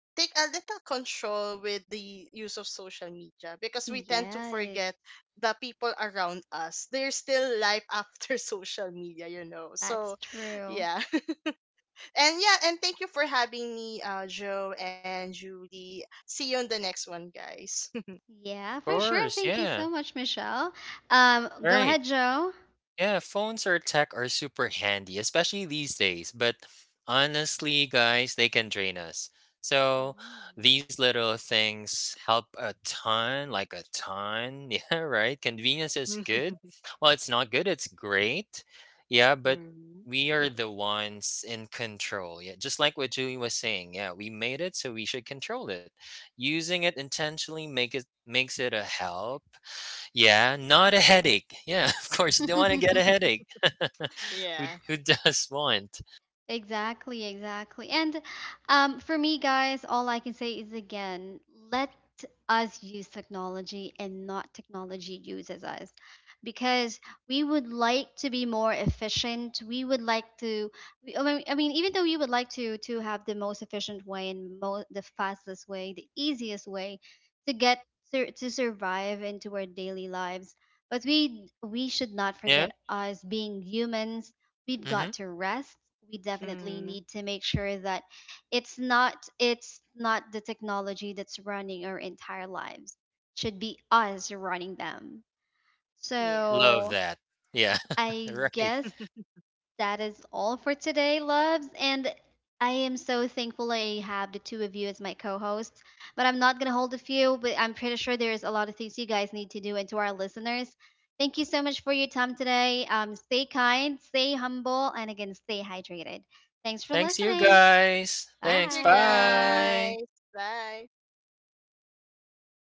take a little control with the use of social media because we tend to Yeah, forget the people around us. There's still life after *laughs* social media. that's So, true. yeah. *laughs* And yeah, and thank you for having me, Joe and Julie. See you on the next one, guys. *laughs* Yeah, Of for sure. course. Thank you Yeah. so much, Michelle. All Go right. ahead, Joe. Yeah, phones or tech are super handy, especially these days. But honestly, guys, they can drain us. So these little things help a ton, like a ton. *laughs* Yeah, right. Convenience is good. Well, it's not good, it's great. Yeah, but Mhm. we are the ones in control. Yeah, just like what Julie was saying. Yeah, we made it, so we should control it. Using it intentionally makes it a help, yeah, not a headache. Yeah, *laughs* of course, they want to get Hmm. a *laughs* headache. *laughs* Who Yeah. who does want? Exactly, exactly. And for me, guys, all I can say is again, let us use technology and not technology uses us, because we would like to be more efficient. We would like to, I mean, even though we would like to have the most efficient way, the fastest way, the easiest way to get to survive into our daily lives, but we should not Yeah. forget us being humans. We've got Mhm. to rest. We definitely Mhm. need to make sure that it's not the technology that's running our entire lives. Should be us running them. Yeah. Love So that. Yeah. *laughs* I Right. guess that is all for today, loves. And I am so thankful I have the two of you as my co hosts. But I'm not going to hold a few, but I'm pretty sure there's a lot of things you guys need to do. And to our listeners, thank you so much for your time today. Stay kind, stay humble, and again, stay hydrated. Thanks for Thanks you listening. guys. Thank Thanks. you, Bye. Bye. guys. Bye.